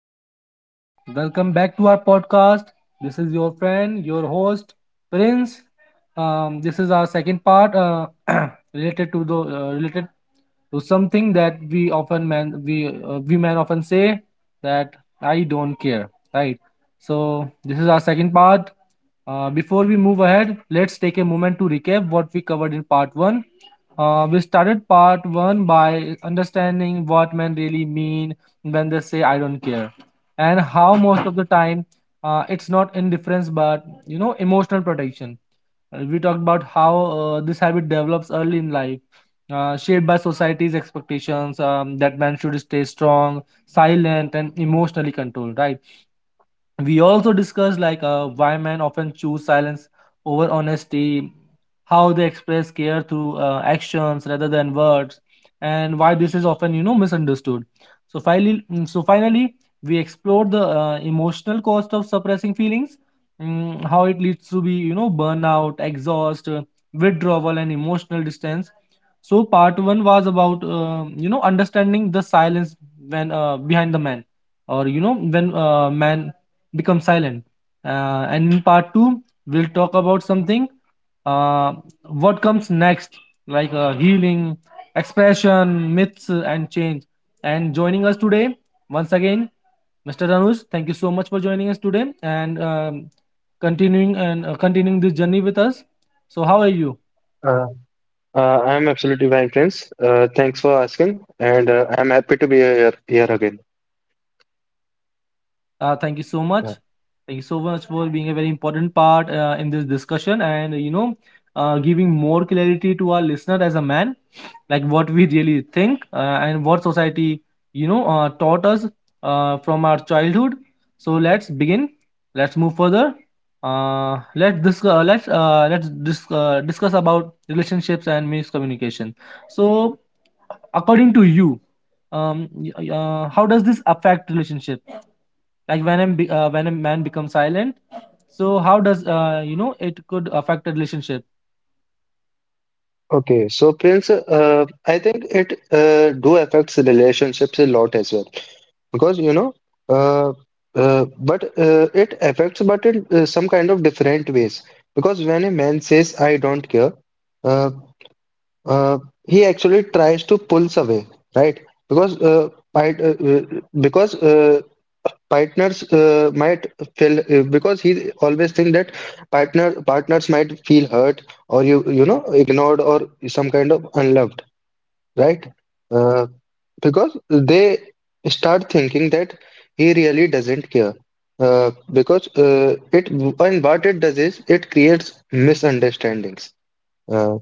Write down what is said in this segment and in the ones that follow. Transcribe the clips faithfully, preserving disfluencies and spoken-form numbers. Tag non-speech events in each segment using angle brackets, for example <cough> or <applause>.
everyone. Welcome back to our podcast. This is your friend, your host, Prince. Um, this is our second part, uh, <clears throat> related to the, uh, related to something that we often men we uh, we men often say that I don't care, right? So this is our second part. Uh, before we move ahead, let's take a moment to recap what we covered in part one. Uh, we started part one by understanding what men really mean when they say I don't care, and how most of the time uh, it's not indifference but you know emotional protection. Uh, we talked about how uh, this habit develops early in life, uh, shaped by society's expectations, um, that men should stay strong, silent, and emotionally controlled, right? We also discussed, like, uh, why men often choose silence over honesty, how they express care through uh, actions rather than words, and why this is often you know misunderstood. So finally, mm, so finally, we explored the uh, emotional cost of suppressing feelings, mm, how it leads to be, you know burnout, exhaust, uh, withdrawal, and emotional distance. So part one was about, uh, you know understanding the silence, when uh, behind the man, or you know when uh, man become silent. Uh, and in part two, we'll talk about something. Uh, what comes next, like uh, healing, expression, myths, uh, and change. And joining us today, once again, mister Ranuj, thank you so much for joining us today, and um, continuing and uh, continuing this journey with us. So, how are you? Uh, uh, I'm absolutely fine, Prince. Uh, thanks for asking, and uh, I'm happy to be here, here again. Uh, thank you so much. Yeah. Thank you so much for being a very important part, uh, in this discussion, and you know uh, giving more clarity to our listener as a man, like what we really think, uh, and what society, you know uh, taught us, uh, from our childhood. So let's begin. Let's move further. Uh, let's dis- uh, let's uh, let's dis- uh, discuss about relationships and miscommunication. So, according to you, um, y- uh, how does this affect relationships? Like when a, be- uh, when a man becomes silent, so how does uh, you know it could affect a relationship? Okay, so Prince, uh, I think it uh, do affects relationships a lot as well, because you know, uh, uh, but uh, it affects, but in uh, some kind of different ways. Because when a man says "I don't care," uh, uh, he actually tries to pulls away, right? Because uh, I, uh, uh, because uh, partners uh, might feel uh, Because he always think that partner partners might feel hurt, or you you know ignored, or some kind of unloved, right. uh, because they start thinking that he really doesn't care. Uh, because uh, it And what it does is it creates misunderstandings. Uh,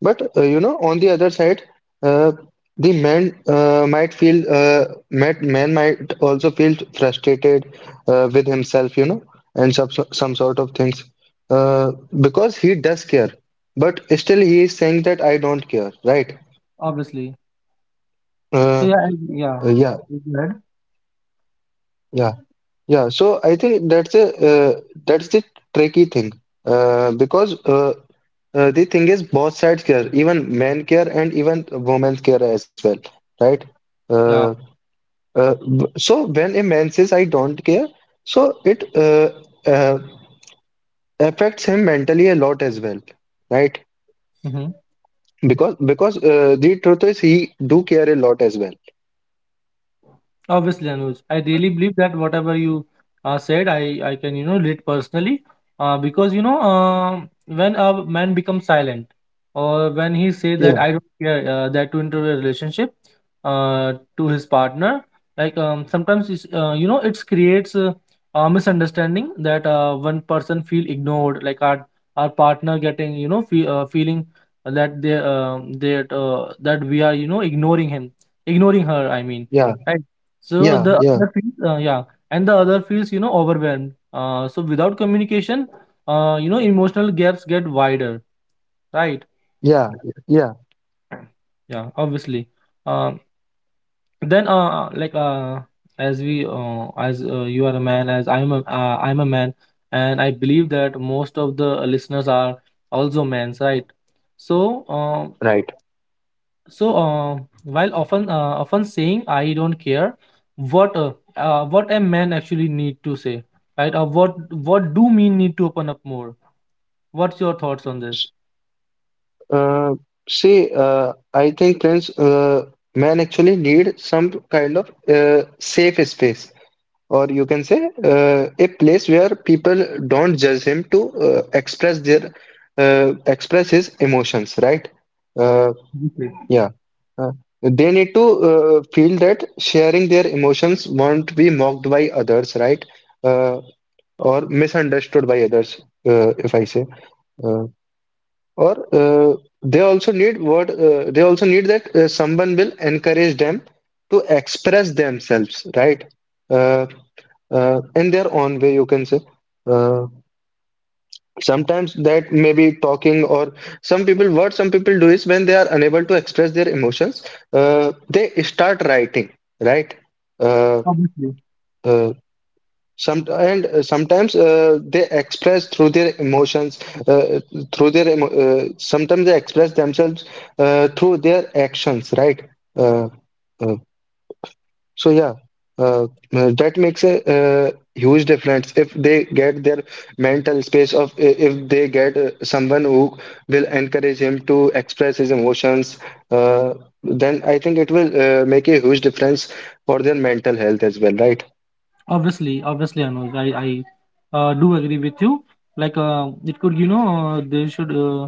but uh, you know, on the other side, uh, the man uh, might feel uh, might, man might also feel frustrated uh, with himself, you know, and some some sort of things, uh, because he does care, but still he is saying that I don't care, right? Obviously. So Uh, yeah, I- yeah. uh, yeah, Please go ahead. yeah, yeah. So I think that's a uh, that's the tricky thing, uh, because uh, uh, the thing is both sides care, even men care and even women care as well, right? Uh, Yeah. Uh, b- so when a man says I don't care, so it uh, uh, affects him mentally a lot as well, right? Hmm. Because because uh, the truth is he do care a lot as well. Obviously, Anuj, I really believe that whatever you, uh, said, I, I can, you know, relate personally. Uh, because, you know, um when a man becomes silent, or when he say that Yeah, I don't care, uh, that to enter a relationship, uh, to his partner, like, um, sometimes, it's, uh, you know, it creates a, a misunderstanding that, uh, one person feel ignored, like our, our partner getting, you know, fe uh, feeling that they, uh, that, uh, that we are, you know, ignoring him, ignoring her, I mean. yeah, Right? So yeah, the yeah, other feels, uh, yeah, and the other feels, you know, overwhelmed. Uh, so without communication, uh, you know, emotional gaps get wider, right? yeah, yeah. Yeah, obviously. Um, then, uh, like, uh, as we, uh, as uh, you are a man, as I'm a, uh, I'm a man, and I believe that most of the listeners are also men, right? So, uh. Right. So uh, while often, uh, often saying I don't care, what uh, uh, what a man actually need to say, right? Or what what do men need to open up more? What's your thoughts on this? S- Uh, See, uh, I think Prince, uh, man actually need some kind of uh, safe space, or you can say uh, a place where people don't judge him to uh, express their uh, express his emotions, right. uh, Yeah, obviously. yeah. Uh, they need to uh, feel that sharing their emotions won't be mocked by others, right. uh, or misunderstood by others. Uh, if I say uh, or uh, they also need what uh, They also need that uh, someone will encourage them to express themselves, right. Uh, uh, in their own way, you can say. uh, Sometimes that may be talking, or some people, what some people do is, when they are unable to express their emotions, uh, they start writing, right. uh, Obviously. uh, some and uh, sometimes uh, they express through their emotions uh, through their emo uh, Sometimes they express themselves uh, through their actions, right. uh, uh, So yeah, uh, uh, that makes a uh, huge difference if they get their mental space of I- if they get uh, someone who will encourage him to express his emotions, uh, then I think it will uh, make a huge difference for their mental health as well, right? Obviously, obviously, Anuj, I I uh, do agree with you. Like, uh, it could you know uh, they should uh,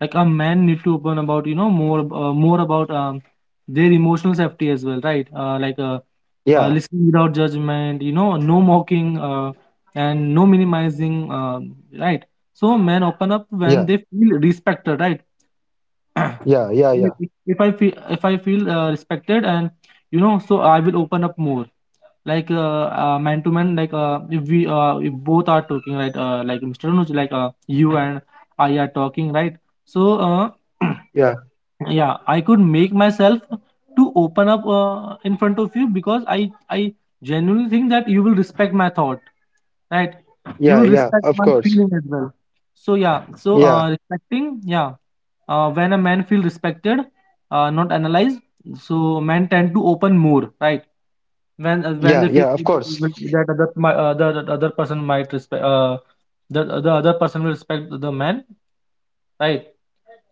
like a man need to open about, you know more, uh, more about, um, their emotional safety as well, right? Uh, like uh, Yeah, uh, listening without judgment, you know, no mocking, uh, and no minimizing, uh, right? So men open up when yeah, they feel respected, right? <clears throat> yeah, yeah, if yeah, if I feel if I feel uh, respected, and you know, so I will open up more, like, uh, uh man to man, like uh if we, uh if both are talking, right, uh like Mr. Anuj, like uh you and I are talking, right? So uh <clears throat> yeah, yeah, I could make myself to open up, uh, in front of you, because i i genuinely think that you will respect my thought, right? You yeah, will yeah, respect of my course. feeling as well. So yeah, so Yeah, uh respecting, yeah, uh when a man feel respected, uh not analyzed, so men tend to open more, right? When uh, when yeah, they feel yeah, of course. that other my other other person might respect, uh the the other person will respect the man, right?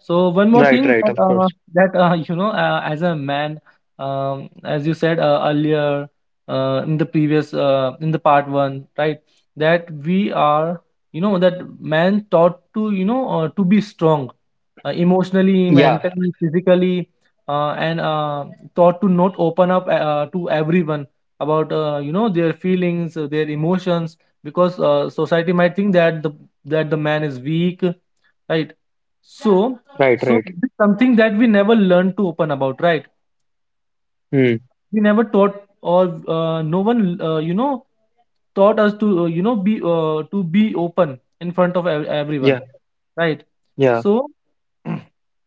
So one more Right, thing, right, that of uh, course. that uh, you know, uh, as a man, um, as you said uh, earlier, uh, in the previous uh, in the part one, right? That we are, you know, that man taught to, you know uh, to be strong, uh, emotionally, Yeah, mentally, physically, uh, and uh, taught to not open up, uh, to everyone about, uh, you know their feelings, uh, their emotions, because uh, society might think that the that the man is weak, right? So right, so right. this is something that we never learned to open about, right? Hmm. We never taught, or uh, no one, uh, you know, taught us to, uh, you know, be uh, to be open in front of ev- everyone, Yeah, right? yeah. So, <clears throat>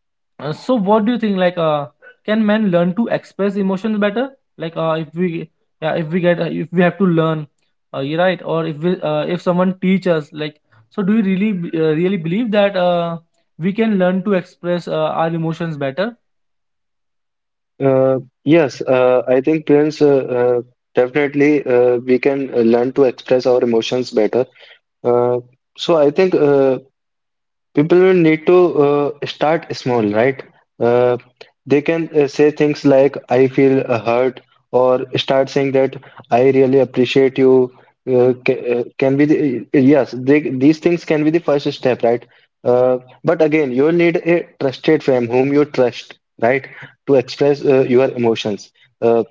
uh, so what do you think? Like, uh, can men learn to express emotions better? Like, uh, if we, yeah, if we get, uh, if we have to learn, uh, you right, or if we, uh, if someone teach us, like, so do you really, b- uh, really believe that uh, we can learn to express, uh, our emotions better? Uh, yes, uh, I think Prince, uh, uh, definitely uh, we can uh, learn to express our emotions better. Uh, so I think uh, people will need to uh, start small, right? Uh, they can uh, say things like, "I feel uh, hurt," or start saying that "I really appreciate you." Uh, ca- uh, can be the, uh, yes, they, these things can be the first step, right? Uh, but again, you need a trusted friend whom you trust, right, to express uh, your emotions. Uh,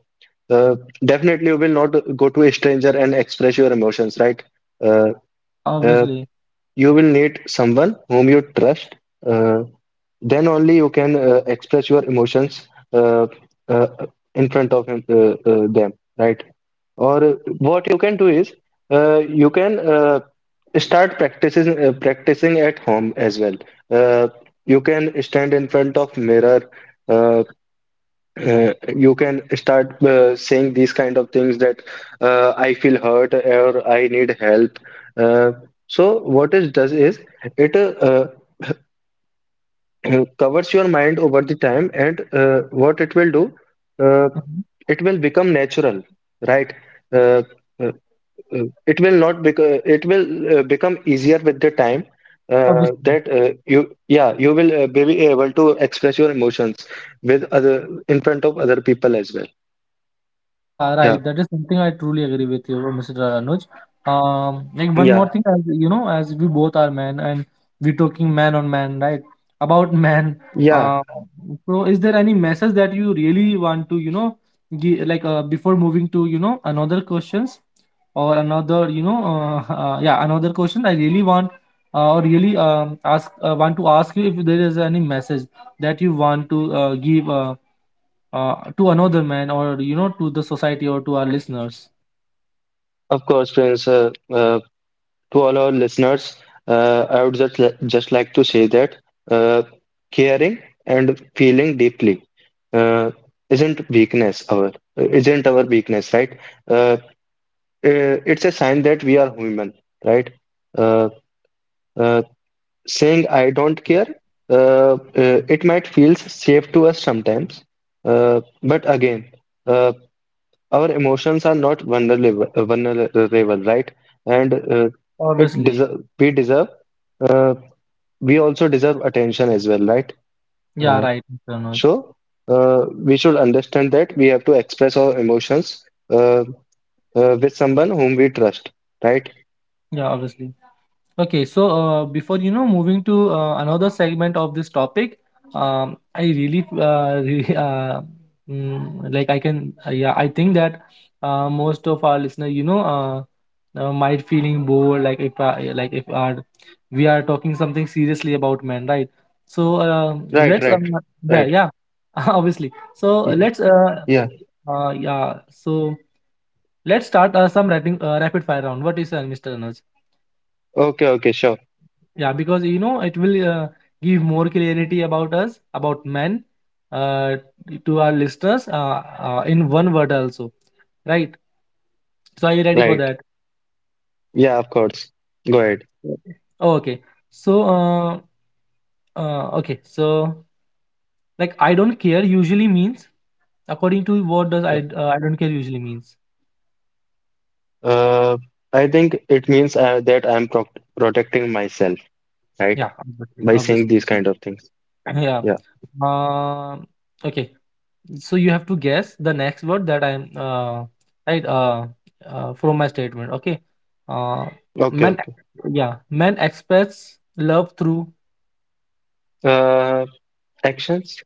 uh, Definitely, you will not go to a stranger and express your emotions, right? Uh, Yeah, uh, obviously. you will need someone whom you trust. Uh, then only you can uh, express your emotions, uh, uh, in front of him, uh, uh, them, right? Or uh, what you can do is, uh, you can uh, start practicing uh, practicing at home as well. Uh, you can stand in front of mirror. uh, uh, you can start uh, saying these kind of things, that uh, "I feel hurt" or "I need help." Uh, so what it does is, it uh, uh, <clears throat> covers your mind over the time, and uh, what it will do, uh, Mm-hmm. it will become natural, right? Uh, uh, uh, it will not become It will uh, become easier with the time. Uh, Obviously. that uh, you yeah, you will uh, be able to express your emotions with other, in front of other people as well. Yeah, Yeah. right. That is something I truly agree with you, mister Anuj. Um, like one more Yeah, thing, as you know, as we both are men, and we're talking man on man, right? About <laughs> man. yeah, Um, so is there any message that you really want to, you know, give, like, uh, before moving to, you know, another questions, or another, you know, uh, <laughs> uh, yeah, another question I really want, uh, or really um, ask uh, want to ask you if there is any message that you want to, uh, give. Uh, uh, to another man, or you know to the society, or to our listeners. of course, Prince. Uh, uh, to all our listeners, uh, I would just, li- just like to say that uh, caring and feeling deeply uh, isn't weakness, our isn't our weakness, right? Uh, uh, it's a sign that we are human, right? Uh, uh, Saying "I don't Obviously. care," uh, uh, it might feel safe to us sometimes, uh, but again. uh, Our emotions are not vulnerable, uh, vulnerable, right? And uh, it Obviously. deserve, we deserve, uh, we also deserve attention as well, right? Yeah, Uh, right, mister Anuj. so uh, we should understand that we have to express our emotions uh, uh, with someone whom we trust, right? Yeah, obviously. Okay, so uh, before, you know moving to, uh, another segment of this topic, um, I really, uh, <laughs> really, uh, mm, like I can, uh, yeah, I think that, uh, most of our listener, you know uh, uh, might feeling bored, like if uh, like if our, we are talking something seriously about men, right? So uh, Right, let's, right, uh, right. yeah, yeah, <laughs> obviously. so Y- let's uh, Yeah. uh, yeah so let's start, uh, some rapid, uh, rapid fire round. What is, uh, mister Anuj? Okay, okay, sure. Yeah, because you know it will, uh, give more clarity about us, about men, uh, to our listeners, uh, uh, in one word also, right? So are you ready for Right. that? Yeah, of course. Go ahead. Okay. Okay. So uh, uh, okay. So like I don't care usually means, according to what does I Uh, uh, I don't care usually means? uh, I think it means uh, that I'm pro protecting myself, right? Yeah, obviously, By obviously. saying these kind of things. <laughs> <clears throat> Yeah. Yeah. Um. Okay. So you have to guess the next word that i'm uh, right, uh, uh, from my statement, okay? uh, Okay, Men, okay. yeah, men express love through. Uh, Actions.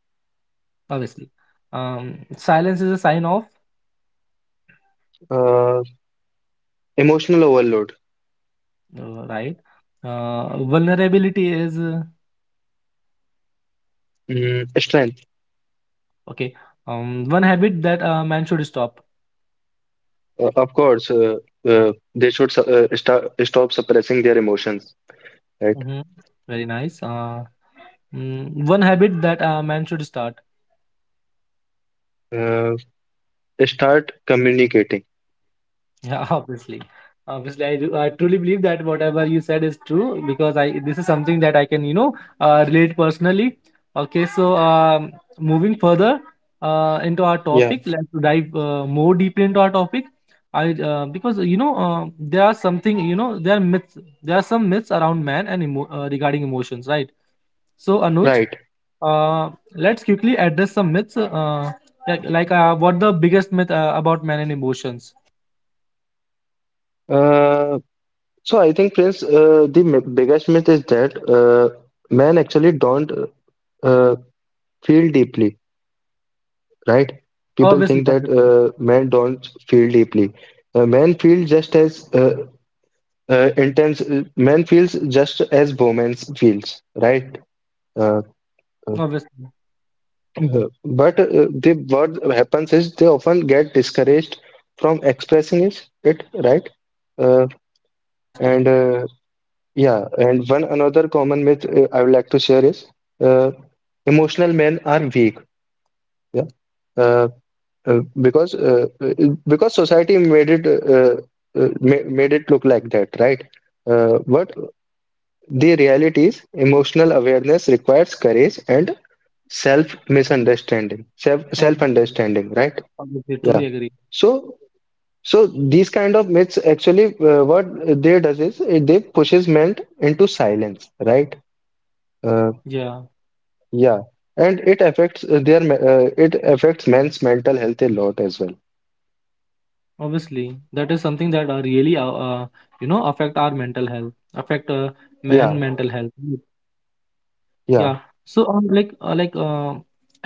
Obviously. Um, silence is a sign of. uh, Emotional overload. Uh, right. Uh, vulnerability is. Uh, mm, strength. Okay. Um, one habit that a man should stop. Uh, of course, uh, uh, they should su- uh, sta- stop suppressing their emotions, right? Mhm. Very nice. Uh, mm, one habit that a man should start. Uh, Start communicating. Yeah, <laughs> obviously. Obviously, I, do, I truly believe that whatever you said is true, because I this is something that I can, you know uh, relate personally. Okay, so um, moving further, uh, into our Yeah, topic, let's dive, uh, more deeply into our topic. I uh, because you know uh, there are something you know there are myths there are some myths around man and emo- uh, regarding emotions, right? So Anuj, right. uh, let's quickly address some myths, uh, like, like uh, what the biggest myth, uh, about man and emotions. Uh, so I think, Prince, uh, the m- biggest myth is that uh, men actually don't uh, feel deeply, right? People think Obviously, that obviously. uh, men don't feel deeply. Uh, men feel just as uh, uh, intense. uh, Men feels just as women feels, right? Uh, uh, Obviously, uh, but uh, the what happens is, they often get discouraged from expressing it, it right? Uh, and obviously, uh, Yeah, and one another common myth uh, I would like to share is uh, emotional men are weak. Yeah. Uh, uh, because uh, uh, because society made it uh, uh, ma- made it look like that, right? Uh, but the reality is, emotional awareness requires courage and self misunderstanding, self self obviously, understanding, right? Yeah. obviously, truly agree. So so these kind of myths, actually, uh, what they does is uh, they pushes men into silence, right? Uh, Yeah, yeah, and it affects uh, their me- uh, it affects men's mental health a lot as well. obviously, that is something that, uh, really, uh, uh, you know, affect our mental health, affect, uh, Yeah, man mental health. yeah, Yeah. So, um, like, uh, like, uh,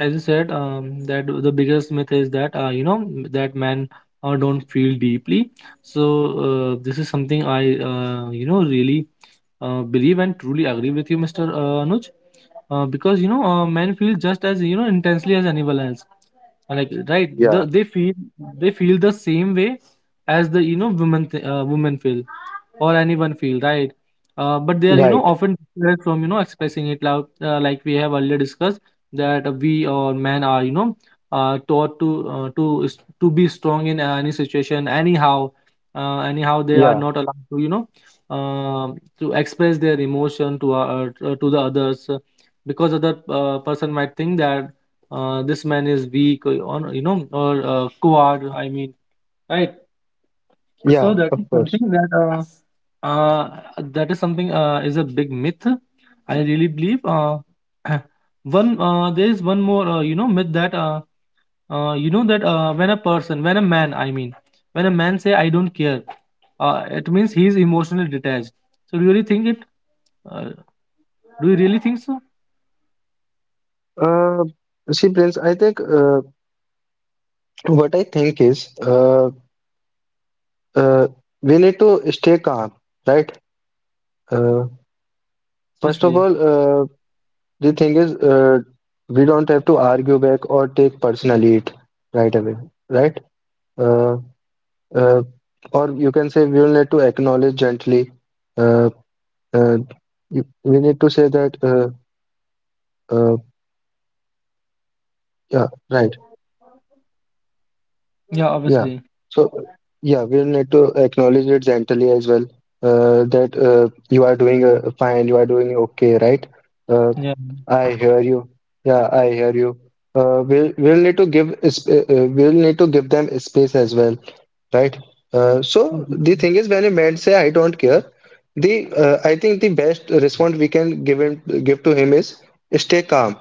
as you said, um, that the biggest myth is that, uh, you know, m- that men, uh, don't feel deeply. So, uh, this is something I, uh, you know, really, uh, believe and truly agree with you, mister Uh, Anuj, uh, because you know, uh, men feel just as you know intensely as anyone else, like, right, yeah. the, they feel, they feel the same way as the you know women th- uh, women feel or anyone feel, right. Uh, but they are you know Right. often discouraged from you know expressing it loud, uh, like we have already discussed, that we or men are you know uh, taught to uh, to s- to be strong in any situation anyhow. Uh, anyhow, they are Yeah, not allowed to you know um to express their emotion to uh, uh, to the others, uh, because other uh, person might think that uh, this man is weak or or, you know or uh, coward, I mean, right. yeah, So that of is course. something that uh, uh, that is something uh, is a big myth. I really believe. Uh, <clears throat> one uh, There is one more uh, you know myth that uh, uh, you know that uh, when a person, when a man, I mean, when a man say I don't care, uh, it means he is emotionally detached. So do you really think it? Uh, do you really think so? Uh, See, Prince, I think uh, what I think is, uh, uh, we need to stay calm, right? Uh, First of Obviously, all, uh, the thing is, uh, we don't have to argue back or take personally it right away, right? Uh, uh, or you can say, we will need to acknowledge gently. Uh, uh, you- we need to say that, uh, uh, yeah, right. yeah, Yeah. obviously, So, yeah, we'll need to acknowledge it gently as well, uh, that uh, you are doing uh, fine, you are doing okay, right? Uh, yeah, I hear you. Yeah, I hear you. Uh, we'll we'll need to give sp uh, uh, We'll need to give them space as well, right? Uh, so obvi- the thing is, when a man say "I don't care," the uh, I think the best response we can give him give to him is, stay calm,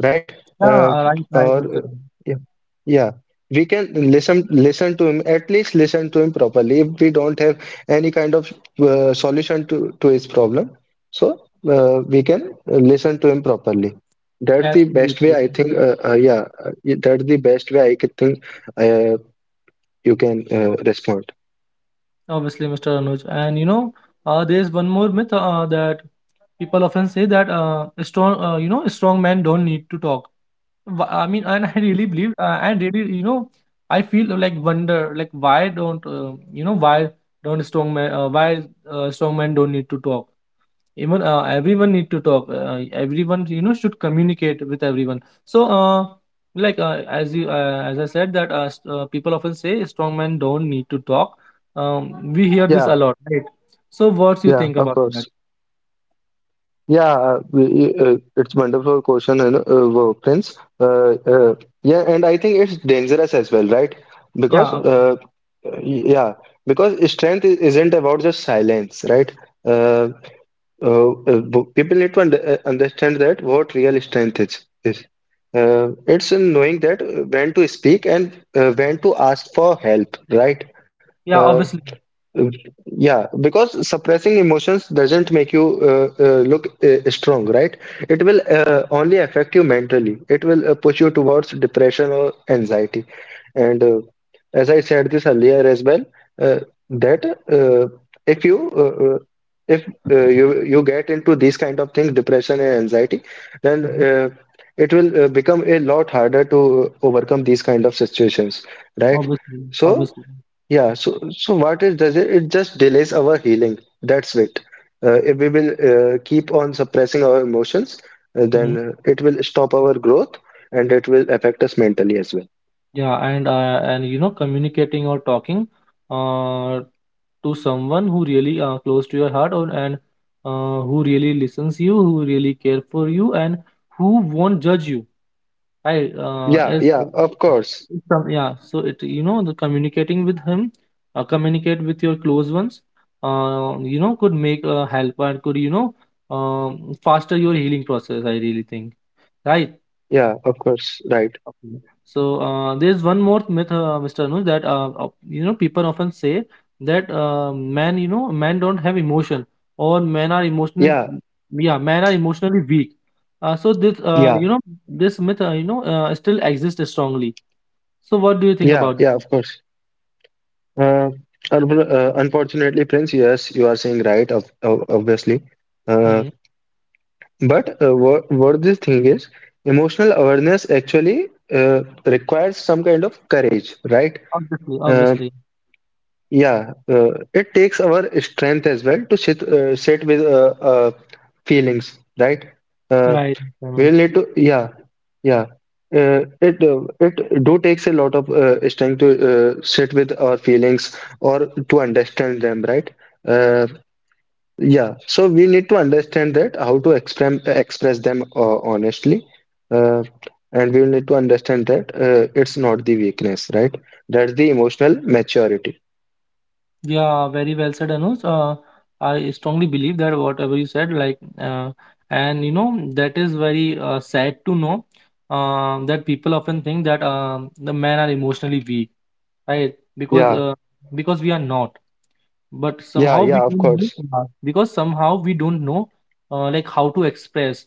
right? yeah. Uh, uh, Right, right, or Mister. Anuj. Yeah, yeah, we can listen listen to him, at least listen to him properly. If we don't have any kind of uh, solution to to his problem, so uh, we can listen to him properly. That's the best way, Absolutely, I think. Uh, uh, yeah, uh, that's the best way I could think uh, you can uh, respond. obviously, Mister Anuj. And you know, uh, there is one more myth uh, that people often say that uh, a strong uh, you know a strong men don't need to talk. Wh- I mean, and I really believe, uh, and really, you know, I feel like wonder, like, why don't, uh, you know why don't strong men, uh, why uh, strong men don't need to talk. Even, uh, everyone need to talk. Uh, everyone, you know, should communicate with everyone. So uh, like uh, as you, uh, as I said, that uh, st- uh, people often say strong men don't need to talk. um, we hear Yeah, this a lot, right? So what do you yeah, think of about that? course. Yeah, uh, we- uh, it's wonderful question, and uh, wow, Prince. Uh, uh, yeah, and I think it's dangerous as well, right? yeah Because ob- uh, yeah, because strength i- isn't about just silence, right? Uh, uh, uh, b- People need to under- uh, understand that what real strength is. is. Uh, it's in knowing that uh, when to speak, and uh, when to ask for help, right? yeah, Uh, obviously. yeah, because suppressing emotions doesn't make you uh, uh, look uh, strong, right? It will uh, only affect you mentally. It will uh, push you towards depression or anxiety. And uh, as I said this earlier as well, uh, that uh, if you uh, uh, if uh, you you get into these kind of things, depression and anxiety, then Mm-hmm. uh, it will uh, become a lot harder to uh, overcome these kind of situations, right? Obviously, So. obviously. Yeah, so so what it does, it it just delays our healing. That's it. Uh, if we will uh, keep on suppressing our emotions, uh, Hmm. then uh, it will stop our growth, and it will affect us mentally as well. Yeah. And uh, and you know, communicating or talking uh, to someone who really uh, close to your heart, or and uh, who really listens you, who really care for you, and who won't judge you. Right? Uh, Yeah, as yeah, of course. it's some Yeah. So it, you know, the communicating with him, uh, communicate with your close ones. Uh, you know, could make a help and could, you know, um, faster your healing process. I really think. Right? Yeah, of course. Right. Okay. So uh, there's one more myth, uh, Mister Anuj, that uh, op- you know, people often say that uh, men, you know, men don't have emotion or men are emotional. Yeah, Yeah, men are emotionally weak. Uh, so this, uh, yeah, you know, this myth, uh, you know, uh, still exists strongly. So what do you think yeah, about yeah, it? of course. Uh, un- uh, Unfortunately, Prince, yes, you are saying right, of, of, obviously. Uh, Mm-hmm. But uh, what, what this thing is, emotional awareness actually uh, requires some kind of courage, right? Obviously, Uh, obviously, yeah, uh, it takes our strength as well to sit uh, sit with uh, uh, feelings, right? Uh, right. Mm-hmm. we'll need to, yeah, yeah. Uh, it uh, it do takes a lot of uh, strength to uh, sit with our feelings, or to understand them, right? Uh, yeah, so we need to understand that how to express express them uh, honestly, uh, and we will need to understand that uh, it's not the weakness, right? That's the emotional maturity. Yeah, very well said, Anuj. Uh, I strongly believe that whatever you said, like, uh, and you know, that is very uh, sad to know uh, that people often think that um, the men are emotionally weak, right? Because Yeah, uh, Because we are not, but yeah, somehow we yeah, of don't know, course. uh, because somehow we don't know uh, like how to express,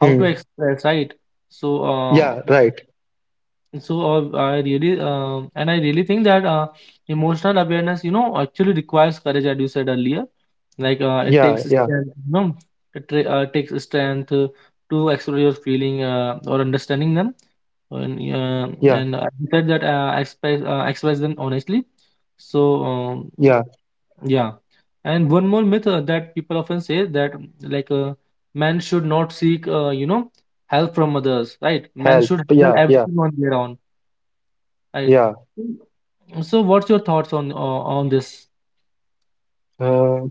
how to Hmm. express, right? So uh, Yeah, right. so uh, I really um and I really think that uh, emotional awareness, you know, actually requires courage, as you said earlier. Like uh, it Yeah, takes yeah, strength, you know, it tra- uh, takes strength uh, to explore your feeling uh, or understanding them, and uh, yeah, and i said that uh, express uh, express them honestly. so um, yeah. yeah. And one more myth uh, that people often say that, mm, like uh, men should not seek, uh, you know help from others, right? Men Help. should handle Yeah, yeah, everything on their own. I yeah. So what's your thoughts on o- on this? Uh,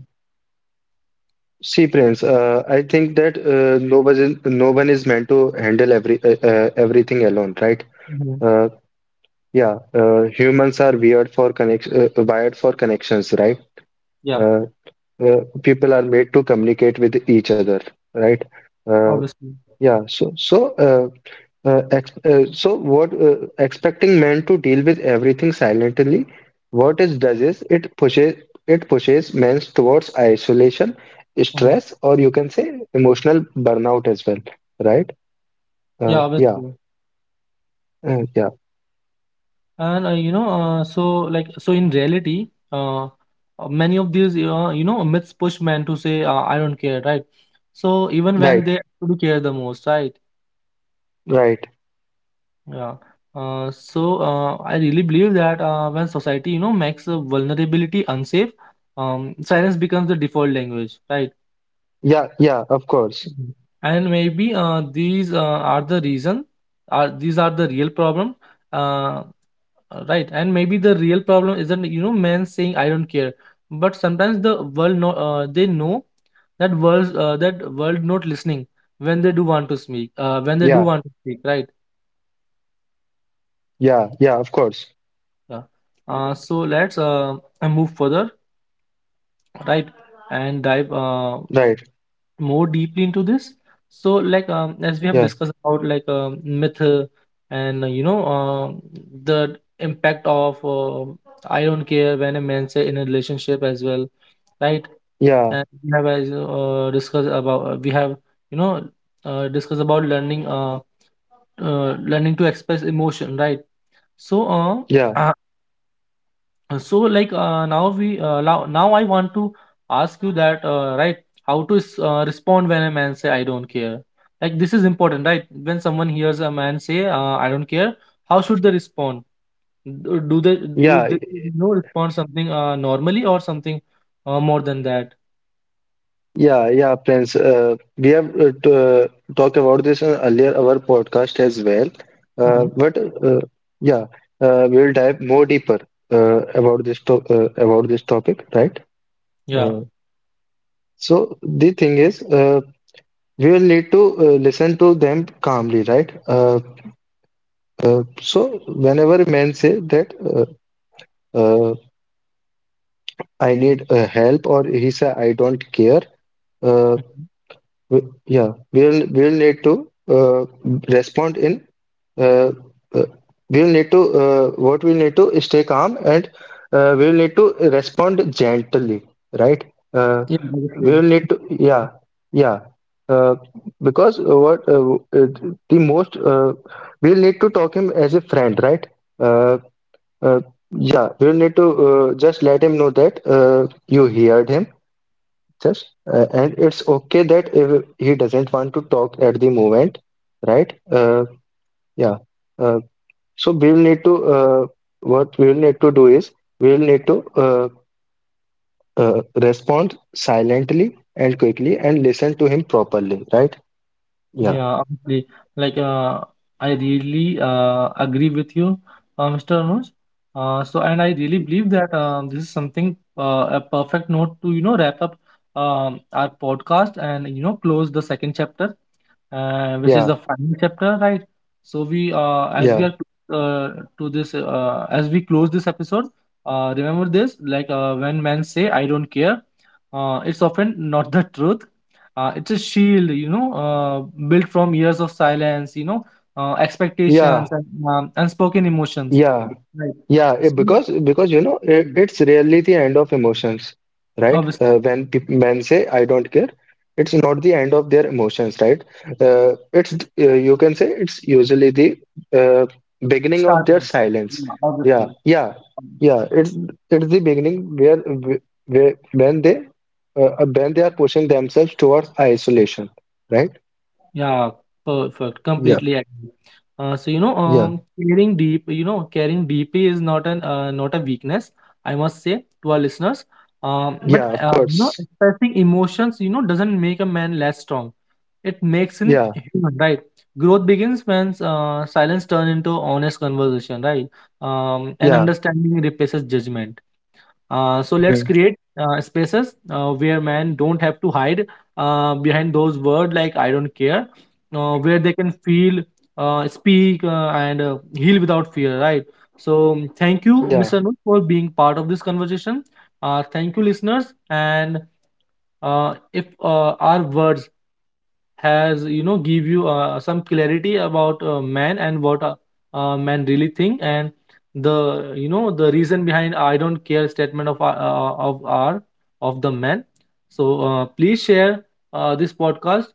See, Prince. Uh, I think that uh, no one is, no one is meant to handle every uh, uh, everything alone, right? Hmm. Uh, Yeah, uh, humans are weird for connect uh, wired for connections, right? Yeah, Uh, uh, People are made to communicate with each other, right? Uh, obviously. yeah, so so uh, uh, ex uh, so what uh, expecting men to deal with everything silently, what it does is, it pushes it pushes men towards isolation, Hmm. stress, or you can say emotional burnout as well, right? Yeah, Uh, yeah, obviously. uh, yeah, And uh, you know, uh, so like, so in reality, uh, uh, many of these, uh, you know myths push men to say, uh, I don't care, right? So even when right, they actually care the most, right? right. Yeah. Uh, so uh, I really believe that uh, when society, you know, makes uh, vulnerability unsafe, um, silence becomes the default language, right? Yeah, yeah, of course. Mhm. And maybe uh, these uh, are the reason are these are the real problem, uh, right? And maybe the real problem isn't, you know, men saying I don't care, but sometimes the world, no, uh, they know that world, uh, that world not listening when they do want to speak, uh, when they do Yeah. want to speak right? Yeah, yeah, of course. Yeah. Uh, so let's uh, move further, right, and dive uh, Right. more deeply into this. So, like um, as we have Yeah, discussed about, like um myth, uh, and uh, you know um the impact of, uh, I don't care, when a man say, in a relationship as well, right. yeah, And we have as uh, discussed about, uh, we have you know uh, discussed about learning uh, uh learning to express emotion, right. So yeah, uh, <clears throat> Uh, so like uh, now we uh, now, now I want to ask you that, uh, right, how to s- uh, respond when a man say I don't care. Like, this is important, right? When someone hears a man say, uh, I don't care, how should they respond? Do do they, do yeah, they, you know, respond something uh, normally or something uh, more than that? yeah, yeah, Prince. Uh, we have uh, t- uh, talked about this in earlier our podcast as well. Uh, hmm. but uh, Yeah, uh, we'll dive more deeper uh, about this to uh, about this topic, right? Yeah. Uh, so the thing is, uh, we will need to uh, listen to them calmly, right? Uh, uh, so whenever men say that uh, uh, "I need uh, help," or he say "I don't care." Uh, Mhm. We, yeah, we'll we'll need to uh, respond in uh, uh, we'll need to uh, what we'll need to is, stay calm, and uh, we'll need to respond gently, right? Uh, Yeah, obviously. we'll need to yeah, yeah. uh, because what uh, uh, the most uh, We'll need to talk him as a friend, right? Uh, uh, yeah, we'll need to uh, just let him know that uh, you heard him, just uh, and it's okay that if he doesn't want to talk at the moment, right. Uh, yeah. uh, so we'll need to uh, what we'll need to do is We'll need to uh, uh, respond silently and quickly, and listen to him properly, right. Yeah, Yeah, obviously. Like, uh, I really uh, agree with you, uh, Mister Anuj. Uh, so, and I really believe that uh, this is something, uh, a perfect note to, you know, wrap up um, our podcast and, you know, close the second chapter, uh, which is yeah, the final chapter, right? So, we, uh, as we yeah, are uh, to this, uh, as we close this episode, uh, remember this, like, uh, when men say, I don't care, uh, it's often not the truth. Uh, it's a shield, you know, uh, built from years of silence, you know, uh, yeah, expectations, and um, unspoken emotions, yeah. right? Yeah, eh, See. because because you know it, Mm. it's really the end of emotions, right? Uh, obviously. When peop men say "I don't care," it's not the end of their emotions, right? Uh, it's th- uh, you can say it's usually the uh, beginning of their Starting. silence. Yeah, Yeah, obviously. yeah, yeah. It's it's the beginning, where, where, when they uh, uh, when they are pushing themselves towards isolation, right? Yeah, perfect, Yeah, completely agree. Uh, so, you know, yeah, um caring deep you know caring deeply is not an uh, not a weakness, I must say to our listeners. Um but yeah. Of uh, You know, course. expressing emotions, you know, doesn't make a man less strong. It makes him Yeah, human, right? Growth begins when uh, silence turns into honest conversation, right? Um, and yeah. understanding replaces judgment. Uh, so hmm, let's create uh, spaces uh, where men don't have to hide uh, behind those words like "I don't care," uh, where they can feel, uh, speak, uh, and uh, heal without fear, right? So thank Yeah. you, Mister Anuj, for being part of this conversation. Uh, thank you, listeners, and uh, if uh, our words has, you know, give you uh, some clarity about uh, man, and what a uh, man really think, and the, you know, the reason behind I don't care statement of our- uh, of our of the man. So uh, please share uh, this podcast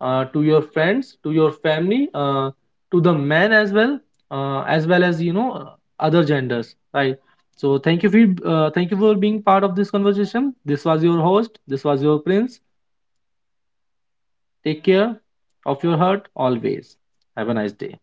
uh, to your friends, to your family, uh, to the man as well, uh, as well as, you know, uh, other genders, right. So thank you for uh, thank you for being part of this conversation. This was your host, this was your Prince. Take care of your heart always. Have a nice day.